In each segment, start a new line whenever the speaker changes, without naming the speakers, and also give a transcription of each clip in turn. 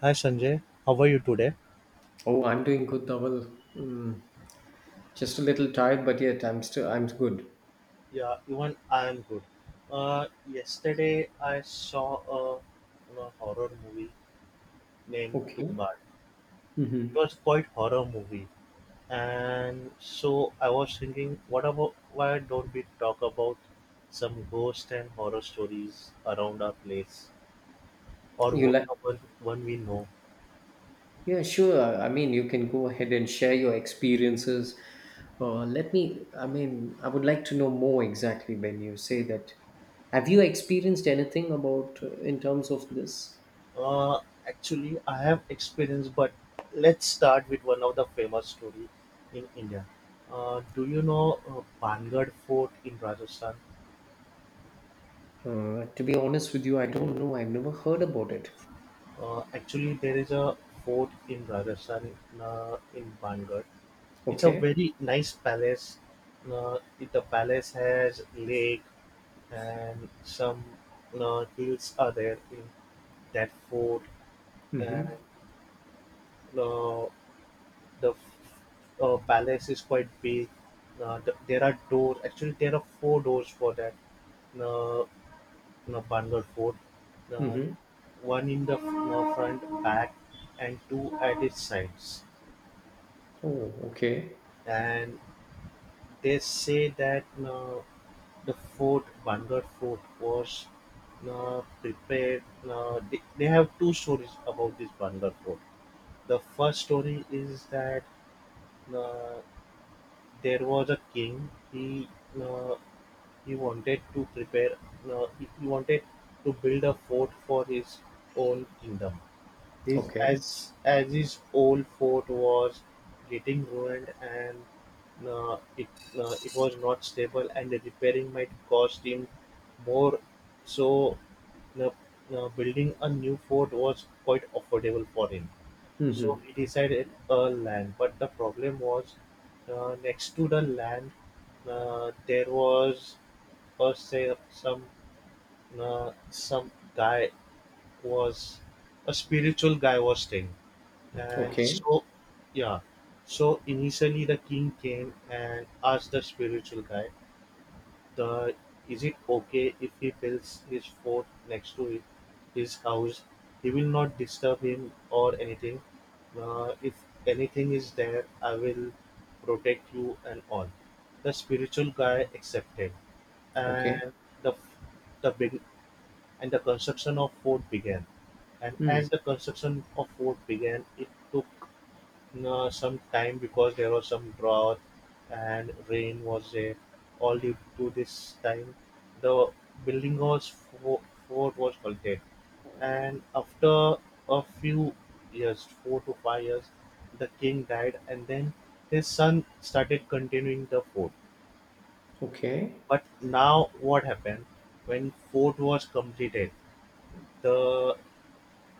Hi Sanjay, how are you today?
Oh, I'm doing good, Dhaval. Just a little tired, but yet I'm good.
Yeah, even I am good. Yesterday I saw a horror movie named
Okay.
Tumbad.
Mm-hmm.
It was quite horror movie, and so I was thinking, what about why don't we talk about some ghost and horror stories around our place or
You like?
one we know?
Yeah, sure. I mean, you can go ahead and share your experiences. Let me. I mean, I would like to know more exactly when you say that. Have you experienced anything about in terms of this?
Uh, actually, I have experience, but let's start with one of the famous story in India. Do you know Pangad Fort in Rajasthan?
To be honest with you, I don't know. I've never heard about it.
Actually, there is a fort in Rajasthan in Pangad. It's a
Okay.
very nice palace. The palace has lake and some hills are there in that fort. And
Mm-hmm.
uh, the palace is quite big. There are doors. Actually, there are four doors for that uh, you Bangalore fort. Uh,
Mm-hmm.
one in the front, back, and two at its sides.
Oh, okay.
And they say that the fort, Bangalore fort, was prepared. They have two stories about this Bangalore fort. The first story is that uh, there was a king. Uh, He wanted to prepare. He wanted to build a fort for his own kingdom, His
Okay.
as his old fort was getting ruined and uh, it it was not stable and the repairing might cost him more, so uh, building a new fort was quite affordable for him. So
Mm-hmm.
he decided a land, but the problem was next to the land there was Percy some guy was a spiritual guy was staying. And
Okay.
so, yeah. So initially the king came and asked the spiritual guy, the is it okay if he builds his fort next to it, his house? He will not disturb him or anything. If anything is there, I will protect you and all. The spiritual guy accepted,
Okay.
and the the big and the construction of fort began. And
Mm.
as the construction of fort began, it took some time because there was some drought and rain was there. All due to this time, the building was fo- fort was halted. And after a few years, 4 to 5 years, the king died, and then his son started continuing the fort.
Okay.
But now, what happened when fort was completed? The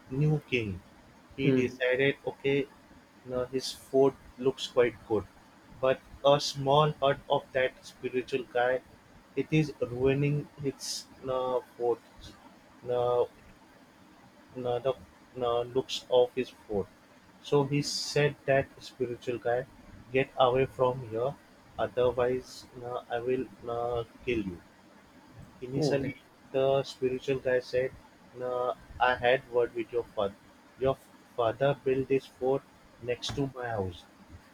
new king, he
Hmm.
decided, okay, now his fort looks quite good. But a small hut of that spiritual guy, it is ruining his fort, uh, uh, the looks of his fort. So he said that spiritual guy, get away from here, otherwise I will kill you.
Oh,
Initially,
that.
the spiritual guy said, "Nah, I had word with your father. Your father built this fort next to my house,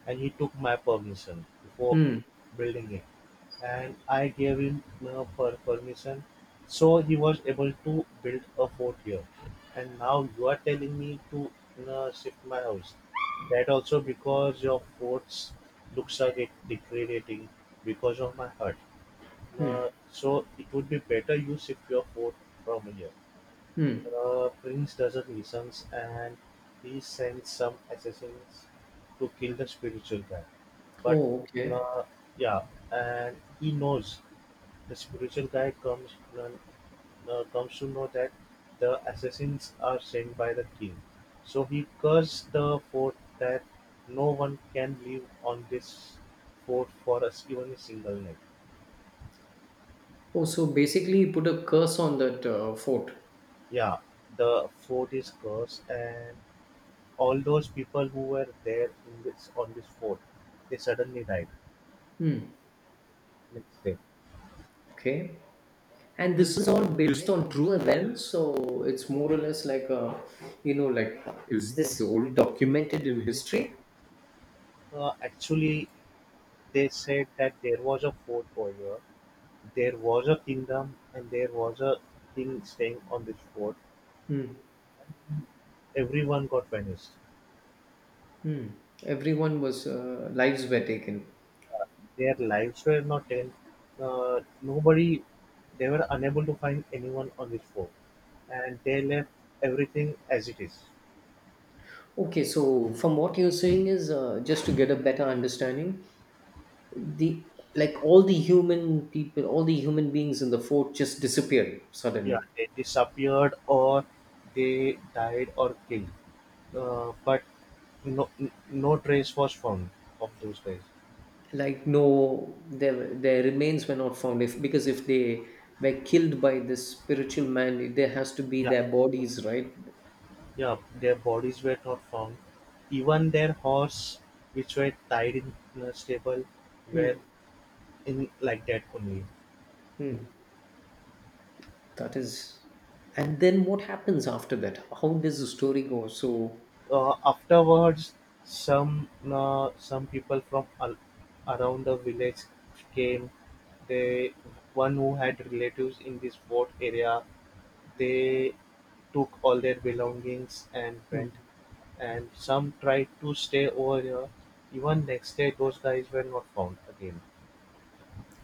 and he took my permission before
Hmm.
building it. And I gave him permission, so he was able to build a fort here. And now you are telling me to shift my house. That also because your forts looks are get degrading because of my hut."
Hmm.
So it would be better you shift your fort from here.
Mm.
The prince does not listen, and he sends some assassins to kill the spiritual guy. But
Oh, okay.
uh, yeah, and he knows the spiritual guy uh, comes to know that the assassins are sent by the king. So he cursed the fort that no one can live on this fort for us even a single night.
Oh, so basically, he put a curse on that fort.
Yeah, the fort is cursed, and all those people who were there in this on this fort, they suddenly died
Hmm.
next day.
Okay. And this is all based on true events, so it's more or less like a, like is this all documented in history?
Actually, they said that there was a fort over here, there was a kingdom, and there was a king staying on this fort.
Hmm.
Everyone got vanished.
Hmm. Everyone was lives were taken.
Their lives were not in. Nobody, they were unable to find anyone on this fort, and they left everything as it is.
Okay, so from what you're saying is just to get a better understanding, the like all the human people all the human beings in the fort just disappeared
Yeah,
suddenly.
they disappeared or they died or killed. But no, no trace was found of those guys.
Like no, their remains were not found, if because if they were killed by this spiritual man there has to be
Yeah,
their bodies, right?
yeah, their bodies were not found. Even their horse, which were tied in a stable, were
Hmm.
in like that only.
Hmm. that is and then what happens after that? How does the story go, so...
Afterwards, some some people from around the village came. They, one who had relatives in this fort area, they took all their belongings and went,
Hmm.
and some tried to stay over here. Even next day those guys were not found again.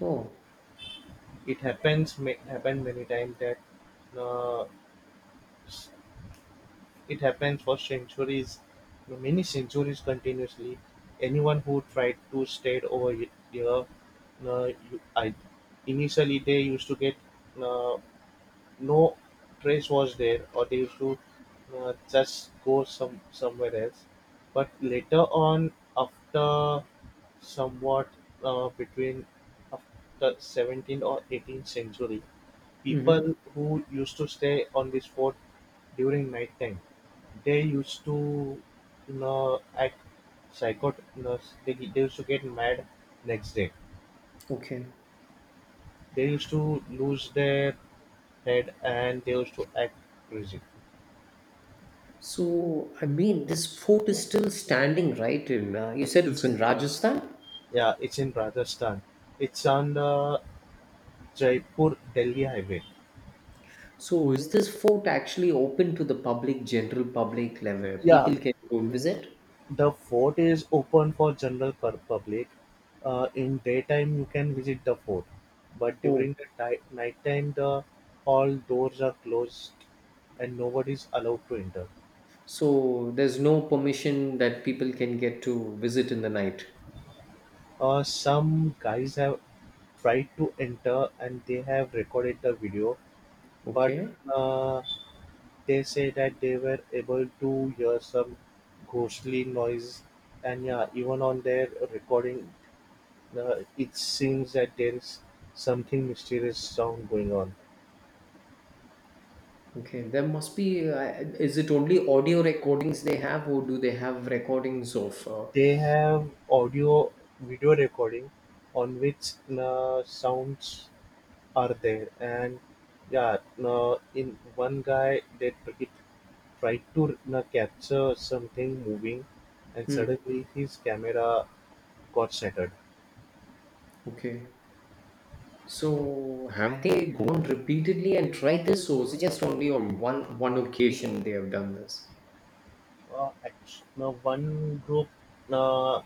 Oh.
It happened many times that uh, s- it happens for centuries, many centuries continuously. Anyone who tried to stay over here, uh, you, I, initially they used to get uh, no trace was there, or they used to just go somewhere else. But later on, after somewhat between after 17th or 18th century,
Mm-hmm.
people who used to stay on this fort during night time, they used to, act psychot. You know, they used to get mad next day.
Okay.
They used to lose their head and they used to act crazy.
So, I mean, this fort is still standing, right? in You said it's in Rajasthan.
Yeah, it's in Rajasthan. It's on the Jaipur-Delhi highway.
So is this fort actually open to the public, general public level?
Yeah,
People can go and visit?
the fort is open for general public. In daytime, you can visit the fort, but
Oh,
during the nighttime, the all doors are closed and nobody is allowed to enter.
so there's no permission that people can get to visit in the night.
Some guys have tried to enter and they have recorded the video, but
Okay.
uh, They say that they were able to hear some ghostly noise and yeah, even on their recording, it seems that there is something mysterious sound going on.
Okay. Is it only audio recordings they have, or do they have recordings of?
They have audio video recording on which sounds are there and yeah, in one guy they it tried to capture something moving and
Hmm,
suddenly his camera got shattered.
okay. So have they gone repeatedly and tried this, or is it just only on one occasion they have done this?
No, uh,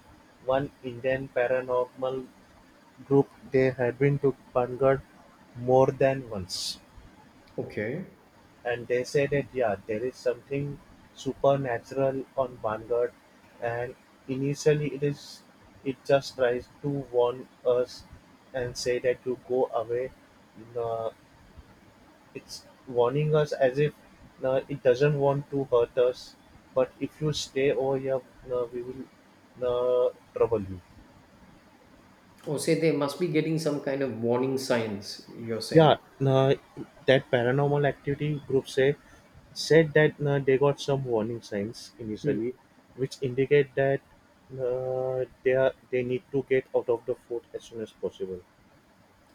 one Indian paranormal group, they had been to Panchgad more than once,
Okay.
and they said that yeah, there is something supernatural on Panchgad, and initially it just tries to warn us and say that you go away. Uh, It's warning us as if it doesn't want to hurt us, but if you stay over here, we will trouble you.
Oh, say they must be getting some kind of warning signs, you're
Yeah,
saying.
uh, that paranormal activity group say said that they got some warning signs
Hmm.
initially, which indicate that they need to get out of the fort as soon as possible.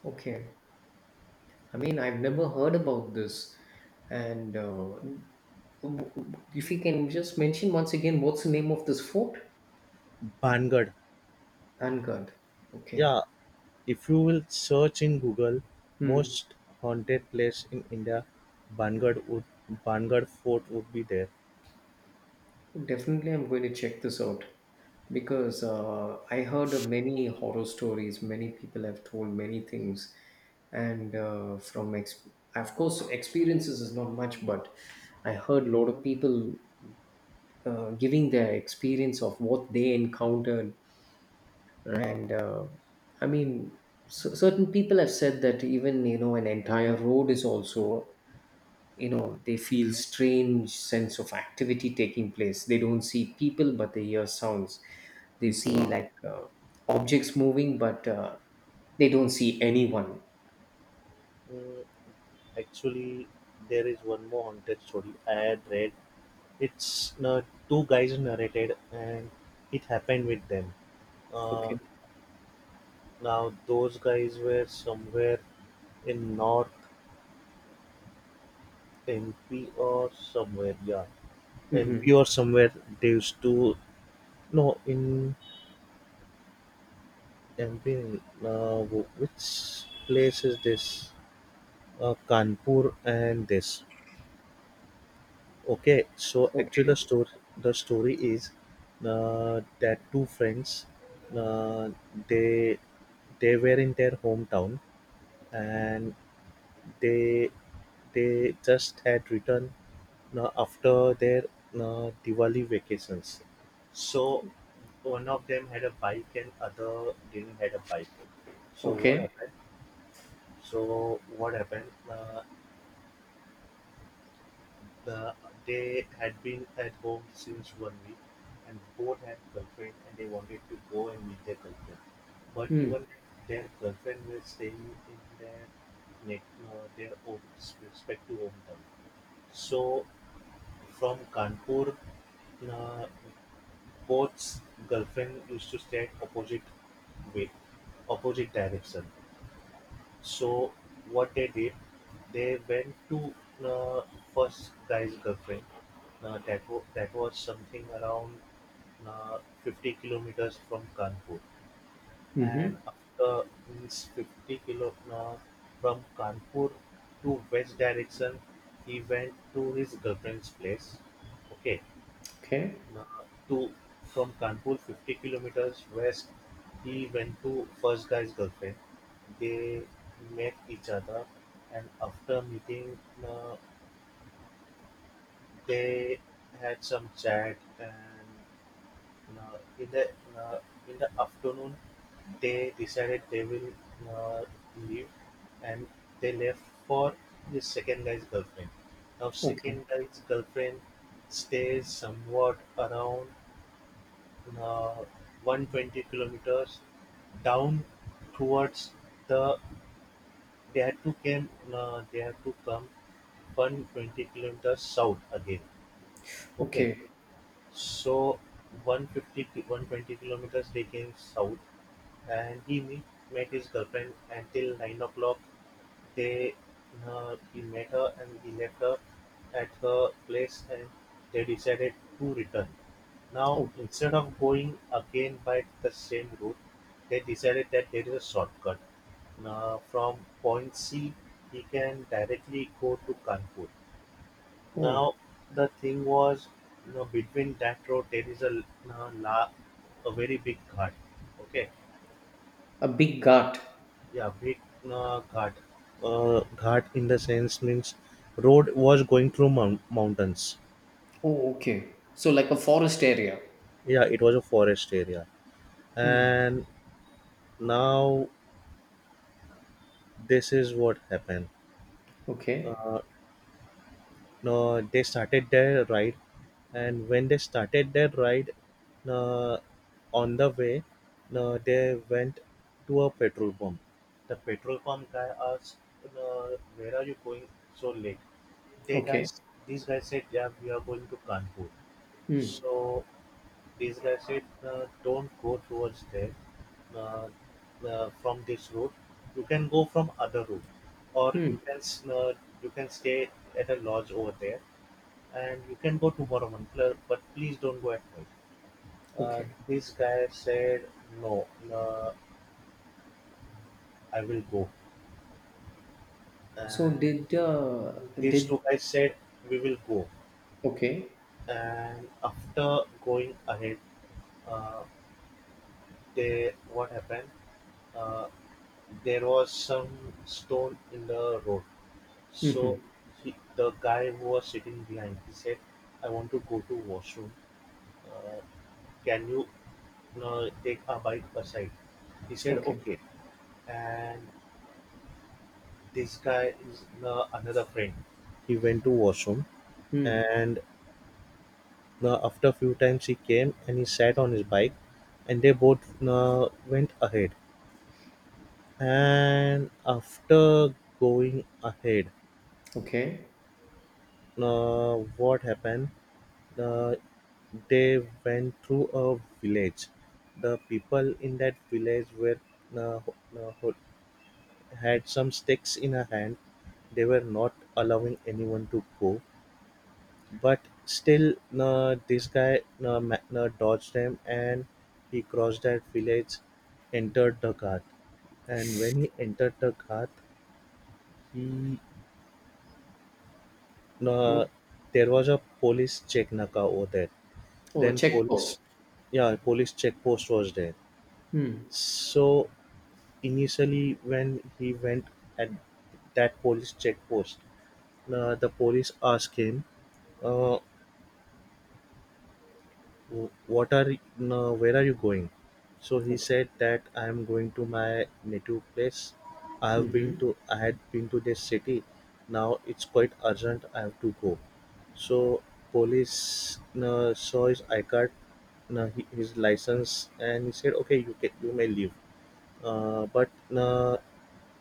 Okay. I mean, I've never heard about this. And if you can just mention once again, what's the name of this fort?
Bangad.
Vanguard. Okay.
Yeah, if you will search in Google
Hmm.
"most haunted place in India", Bangad would Bangad Fort would be there.
Definitely, I'm going to check this out because I heard of many horror stories. Many people have told many things, and of course, experiences is not much, but I heard a lot of people giving their experience of what they encountered and I mean certain people have said that even, an entire road is also, they feel strange sense of activity taking place. They don't see people but they hear sounds. They see
Uh,
like objects moving but they don't see anyone.
mm, actually, there is one more haunted story I had read. It's uh, two guys narrated, and it happened with them. Uh,
Okay.
now those guys were somewhere in North MP or somewhere, yeah,
Mm-hmm.
MP or somewhere. They used to no in MP which place is this? Kanpur and this. Okay, so actually
Okay.
the story is that two friends uh, they they were in their hometown and they they just had returned after their Diwali vacations. So one of them had a bike and other didn't had a bike. So what
Okay.
happened? So what happened? The they had been at home since one week, and both had girlfriend, and they wanted to go and meet their girlfriend. But
Mm.
even their girlfriend was staying in their ne- their own respective hometown. So from Kanpur, uh, both girlfriend used to stay at opposite way, opposite direction. So what they did, they went to uh, first guy's girlfriend. That was something around 50 kilometers from Kanpur. And
Mm-hmm.
after means 50 kilo from Kanpur to west direction, he went to his girlfriend's place. Okay,
Okay.
to from Kanpur, 50 kilometers west, he went to first guy's girlfriend. They met each other, and after meeting, uh, they had some chat. And uh, in the uh, in the afternoon, they decided they will uh, leave, and they left for the second guy's girlfriend. Now,
Okay.
second guy's girlfriend stays somewhat around uh, 120 kilometers down towards the they had to come 120 kilometers south again. Okay,
Okay.
so 120 kilometers they came south and he met his girlfriend until 9 o'clock. They He met her and he left her at her place, and they decided to return. Now,
Oh,
instead of going again by the same route, they decided that there is a shortcut. Now, from point C, he can directly go to Kanpur. Now,
oh
the thing was, between that road there is uh, la, a very big ghat. Okay,
a big gut.
yeah, big ghat. Ghat in the sense means road was going through mountains.
Oh, okay. So like a forest area.
Yeah, it was a forest area,
Hmm.
and now this is what happened.
Okay.
Uh, no, they started their ride, and when they started their ride, uh, on the way, they went to a petrol pump. The petrol pump guy asked, uh, "Where are you going so late?" They
Okay.
guys, these guys said, "Yeah, we are going to Kanpur."
Hmm.
So basically, I said, don't go towards there uh, from this route. You can go from other route, or
Hmm.
you can stay at a lodge over there, and you can go tomorrow morning. But please don't go at night.
Okay.
This guy said, no, uh, I will go.
So
And
did uh
these
did
two guys said, we will go.
Okay.
And after going ahead, uh, they what happened? Uh, there was some stone in the road. So
Mm-hmm.
the guy who was sitting behind, he said, "I want to go to washroom. Uh, can you take a bike aside?" He said,
Okay.
"Okay." And this guy is another friend. He went to washroom,
Hmm.
and after a few times he came and he sat on his bike, and they both went ahead. And after going ahead,
Okay.
what happened? Uh, they went through a village. The people in that village were uh, ho- uh, ho- had some sticks in a hand. They were not allowing anyone to go, but still, this guy dodged them and he crossed that village, entered the ghat. And when he entered the ghat, he uh,
What?
there was a police check naka over there.
Oh,
Then
check post.
yeah, police check post was there.
Hmm.
So initially when he went at that police checkpost, the police asked him, uh, What are where are you going?" So he
Okay.
said that I am going to my native place.
Mm-hmm.
I had been to this city. Now it's quite urgent. I have to go. So police saw his I card, his license, and he said, "Okay, you may leave." But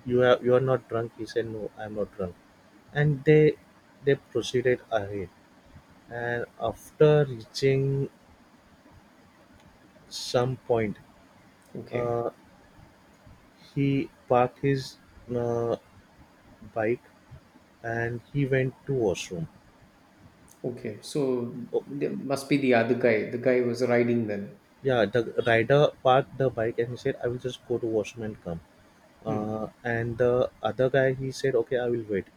you have you are not drunk. He said no, I'm not drunk, and they proceeded ahead, and after reaching some point,
Okay.
uh, he parked his uh, bike and he went to washroom.
Okay. So
Oh,
there must be the other guy. The guy was riding then.
yeah, the rider parked the bike and he said I will just go to washroom and come,
Hmm.
and the other guy he said okay I will wait.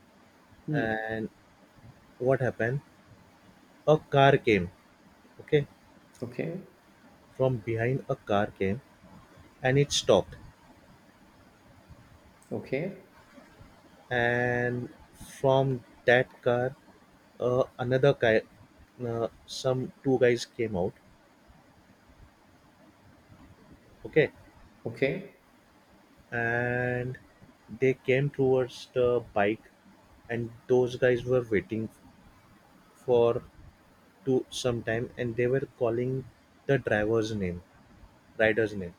Hmm.
And what happened? A car came. Okay,
Okay.
from behind a car came and it stopped,
Okay.
and from that car, another guy some two guys came out. Okay.
Okay.
And they came towards the bike, and those guys were waiting for to some time, and they were calling the driver's name rider's name.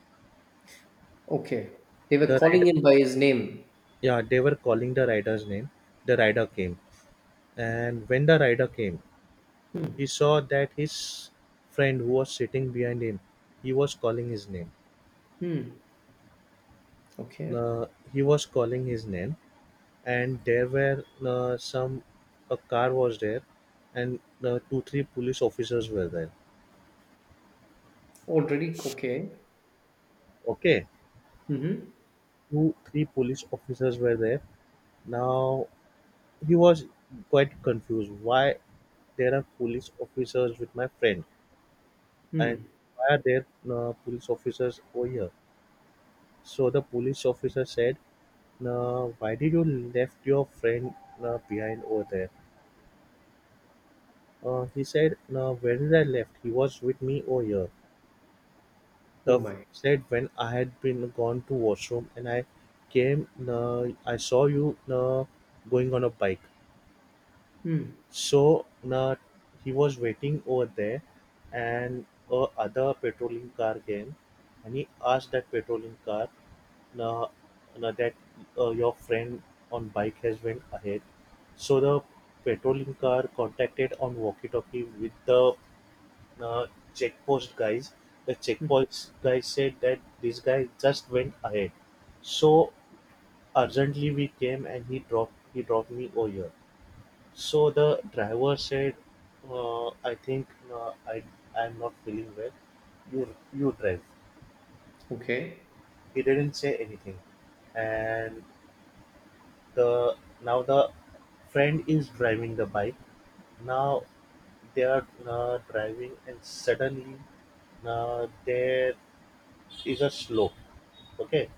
Okay. They
The
were
rider
calling him by his name.
Yeah, they were calling the rider's name. The rider came, and when the rider came,
Hmm.
he saw that his friend who was sitting behind him, he was calling his name.
Hmm. Okay.
uh, he was calling his name, and there were some a car was there, and 2-3 police officers were there.
Already? Okay.
Okay,
Mm-hmm.
2-3 police officers were there. Now he was quite confused, why there are police officers with my friend, and
Mm.
why are there police officers over here? So the police officer said, why did you left your friend behind over there? He said no, where did I left? He was with me over here.
Oh
Duff
my.
said when I had been gone to washroom and I came nah, I saw you nah, going on a bike.
Mm.
So nah, he was waiting over there and a other patrolling car came, and he asked that patrolling car, nah, nah, that your friend on bike has went ahead. So the patrolling car contacted on walkie-talkie with the uh, checkpost guys. The
Mm.
checkpost guys said that this guy just went ahead. So urgently we came and he dropped me over here. So the driver said, I think uh, I I'm not feeling well. You drive.
Okay.
He didn't say anything, and the the friend is driving the bike. Now they are driving, and suddenly there is a slope. Okay,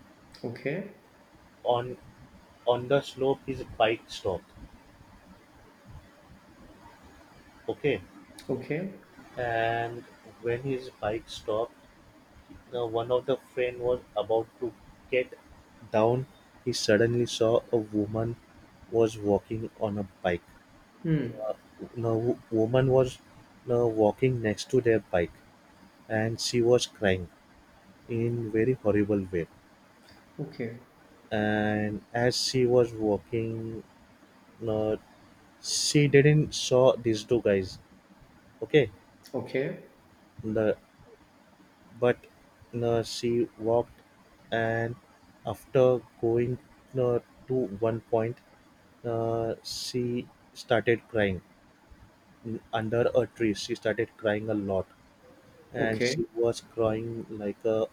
Okay.
on on the slope his bike stopped. Okay,
Okay.
and when his bike stopped, the one of the friend was about to get down, he suddenly saw a woman was walking on a bike.
Mm.
The woman was walking next to their bike and she was crying in very horrible way.
Okay.
And as she was walking, uh, she didn't saw these two guys. Okay,
Okay.
the But she walked, and after going uh, to one point, she started crying under a tree. She started crying a lot, and
Okay.
she was crying like a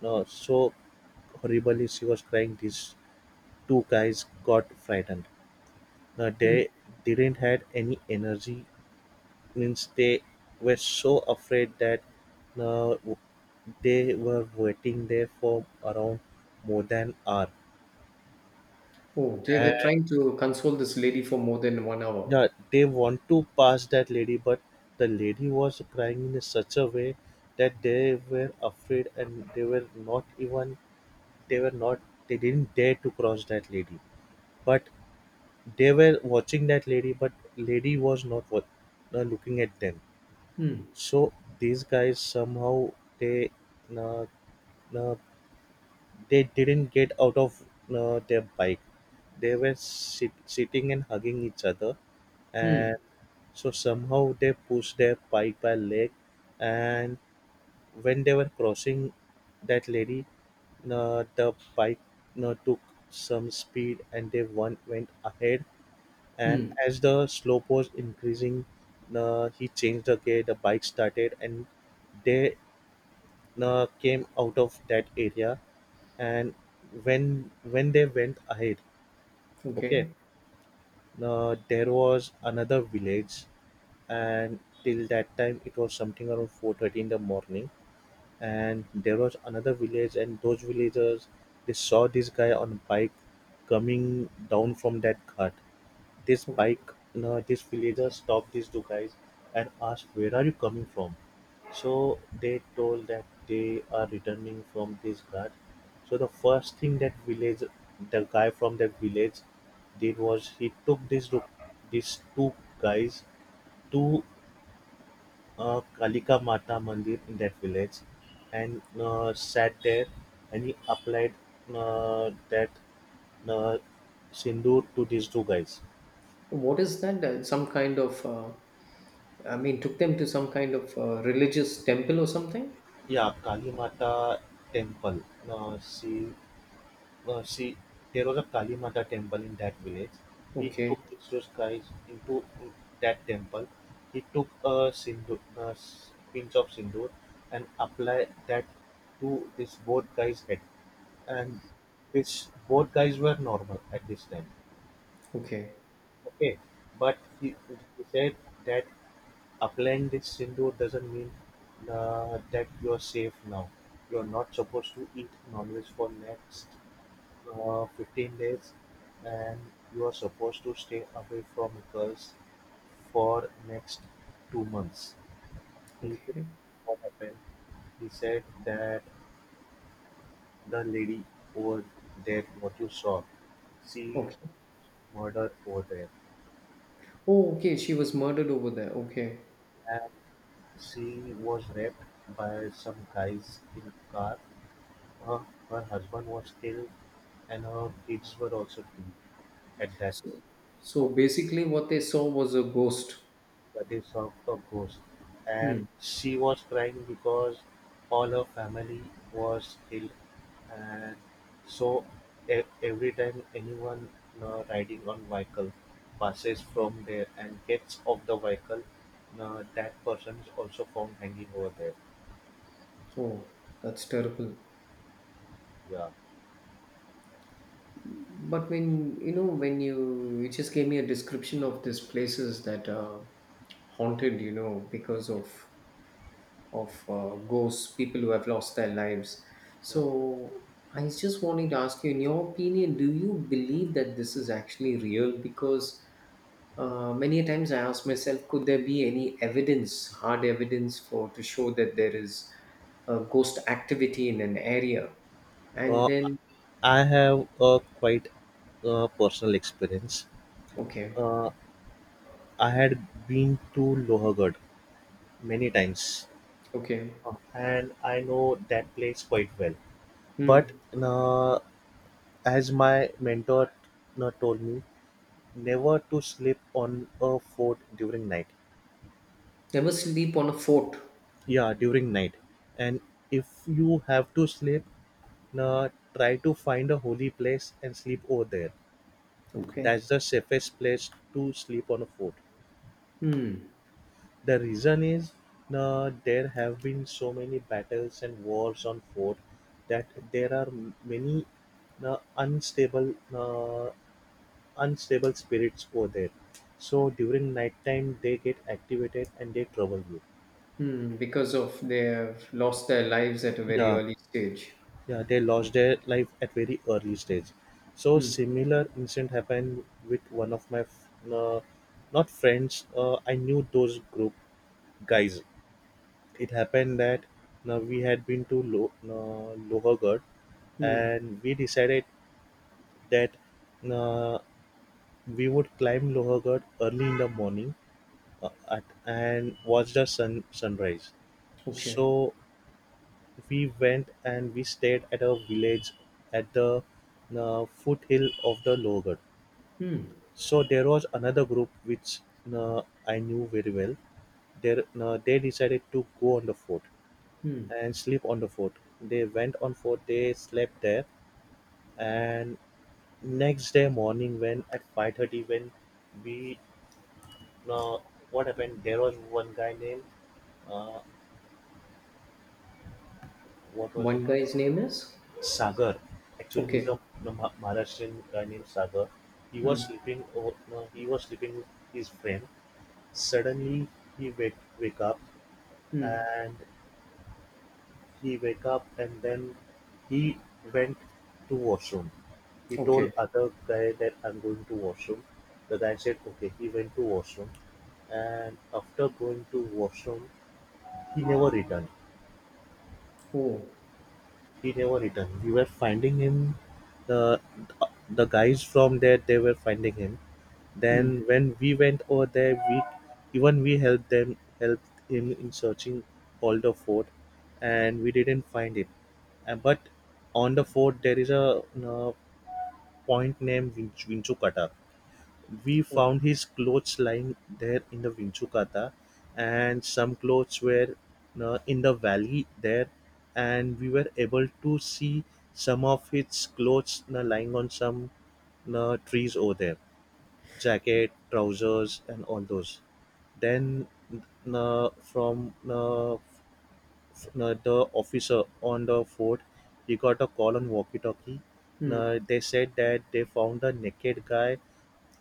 no, so horribly she was crying. These two guys got frightened. Now
Mm.
they didn't had any energy, means they were so afraid that uh, they were waiting there for around more than hour.
Oh, they
And
were trying to console this lady for more than 1 hour.
yeah, they want to pass that lady, but the lady was crying in such a way that they were afraid and they were not even they were not they didn't dare to cross that lady. But they were watching that lady but lady was not looking at them.
Hmm.
So these guys somehow they uh, uh, they didn't get out of their bike. They were sitting and hugging each other,
Hmm.
and so somehow they pushed their bike by leg. And when they were crossing that lady, the bike took some speed, and they one went ahead. And
Hmm.
as the slope was increasing, he changed the gear. The bike started, and they came out of that area. And when they went ahead, okay,
Okay.
there was another village, and till that time it was something around 4:30 in the morning. And there was another village and those villagers, they saw this guy on a bike coming down from that ghat. This
Okay.
bike you know, this villager stopped these two guys and asked where are you coming from. So they told that they are returning from this ghat. So the first thing that village the guy from that village did was he took this two guys to Kalika Mata Mandir in that village, and sat there, and he applied that uh, sindoor to these two guys.
What is that? Some kind of, I mean, took them to some kind of religious temple or something?
Yeah, Kali Mata temple. Uh, she, uh, she, there was a Kali Mata temple in that village. He
Okay.
took these two guys into that temple. He took a sindoor, a pinch of sindoor, and applied that to this both guys' head, and this both guys were normal at this time.
Okay.
Okay, but he, he said that applying this sindoor doesn't mean that you're safe now. You're not supposed to eat non-veg for next 15 days, and you are supposed to stay away from girls for next 2 months. He,
Okay.
what happened? He said that the lady over there, what you saw, she
Okay.
murdered over there.
Oh, okay. She was murdered over there. Okay.
And she was raped by some guys in a car. Her, Her husband was killed and her kids were also killed at that
So, so,
po-
basically, what they saw was a ghost.
that is of the ghost. And
Hmm.
she was crying because all her family was killed, and so every time anyone riding on vehicle passes from there and gets off the vehicle, that person is also found hanging over there.
Oh, that's terrible.
Yeah.
But when, when you just gave me a description of these places that are haunted, because of ghosts, people who have lost their lives.
Yeah.
So I was just wanting to ask you, in your opinion, do you believe that this is actually real? Because many a times I ask myself, could there be any evidence, hard evidence, for to show that there is ghost activity in an area? And
Uh,
then,
I have a quite personal experience.
okay,
Uh, I had been to Lohagarh many times,
okay,
and I know that place quite well. But
hmm.
uh, as my mentor told me, never to sleep on a fort during night.
Never sleep on a fort.
Yeah, during night, and if you have to sleep, uh, try to find a holy place and sleep over there.
Okay,
That's the safest place to sleep on a fort.
hmm.
The reason is there have been so many battles and wars on fort that there are many uh, unstable uh, unstable spirits over there. So during nighttime they get activated and they trouble you.
Hmm. Because of they have lost their lives at a very
Yeah,
early stage.
yeah, they lost their life at very early stage. So
Hmm.
similar incident happened with one of my f- not friends. I knew those group guys. It happened that now we had been to Lohergarh,
Hmm.
and we decided that uh, we would climb Lohergarh early in the morning, and watch the sunrise.
Okay.
So we went and we stayed at a village at the foothill of the Lohergarh.
Hmm.
So there was another group which I knew very well. They decided to go on the fort
Hmm.
and sleep on the fort. They went on fort, they slept there, and next day morning, when at 5:30, when we uh, what happened? There was one guy named uh, what was his
One
name?
guy's name is?
Sagar. Actually, he's
Okay.
a Maharashtrian guy named Sagar. He was
Hmm.
sleeping. No, he was sleeping with his friend. Suddenly, he wake up,
Hmm.
and He wake up and then he went to washroom. He
Okay.
told other guy that I'm going to washroom. The guy said okay. He went to washroom, and after going to washroom he never returned.
Oh.
He never returned. We were finding him, the the guys from there they were finding him.
Hmm.
Then when we went over there, we helped them helped him in searching all the fort, and we didn't find it. But on the fort there is a point named Vinchukata. We
Oh.
found his clothes lying there in the Vinchukata, and some clothes were in the valley there, and we were able to see some of his clothes lying on some trees over there, jacket, trousers, and all those. Then uh, from uh, the officer on the fort, he got a call on walkie-talkie.
Hmm.
They said that they found a naked guy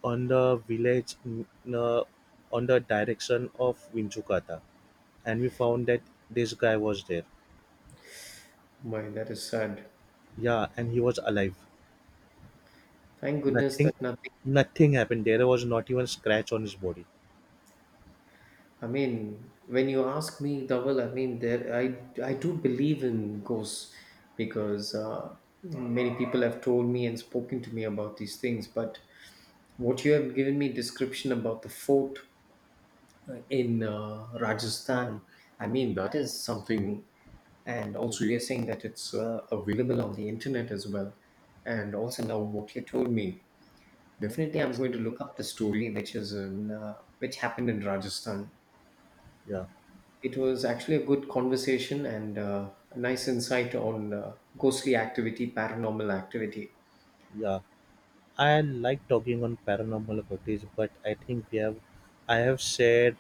on the village uh, on the direction of Vinchukata, and we found that this guy was there.
My, that is sad.
Yeah, and he was alive.
Thank goodness
Nothing,
that nothing.
nothing happened. There was not even a scratch on his body.
I mean, when you ask me, Dawal, I mean, there, I do believe in ghosts because many people have told me and spoken to me about these things. But what you have given me description about the fort in Rajasthan, I mean, that is something. And also, you're saying that it's available on the internet as well. And also, now what you told me. Definitely, I'm
Yes.
going to look up the story, which happened in Rajasthan.
Yeah.
It was actually a good conversation and a nice insight on ghostly activity, paranormal activity.
Yeah. I like talking on paranormal footage, but I have shared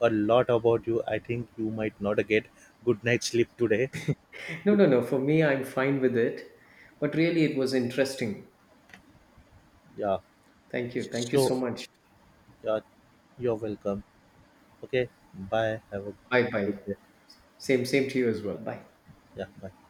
a lot about you. I think you might not get good night sleep today.
No, no, no. For me, I'm fine with it, but really, it was interesting.
Yeah.
Thank you. Thank you so
So
much.
yeah, you're welcome. Okay. Bye. Have a
Bye,
good
bye.
day.
Same, same to you as well. Bye.
Yeah. Bye.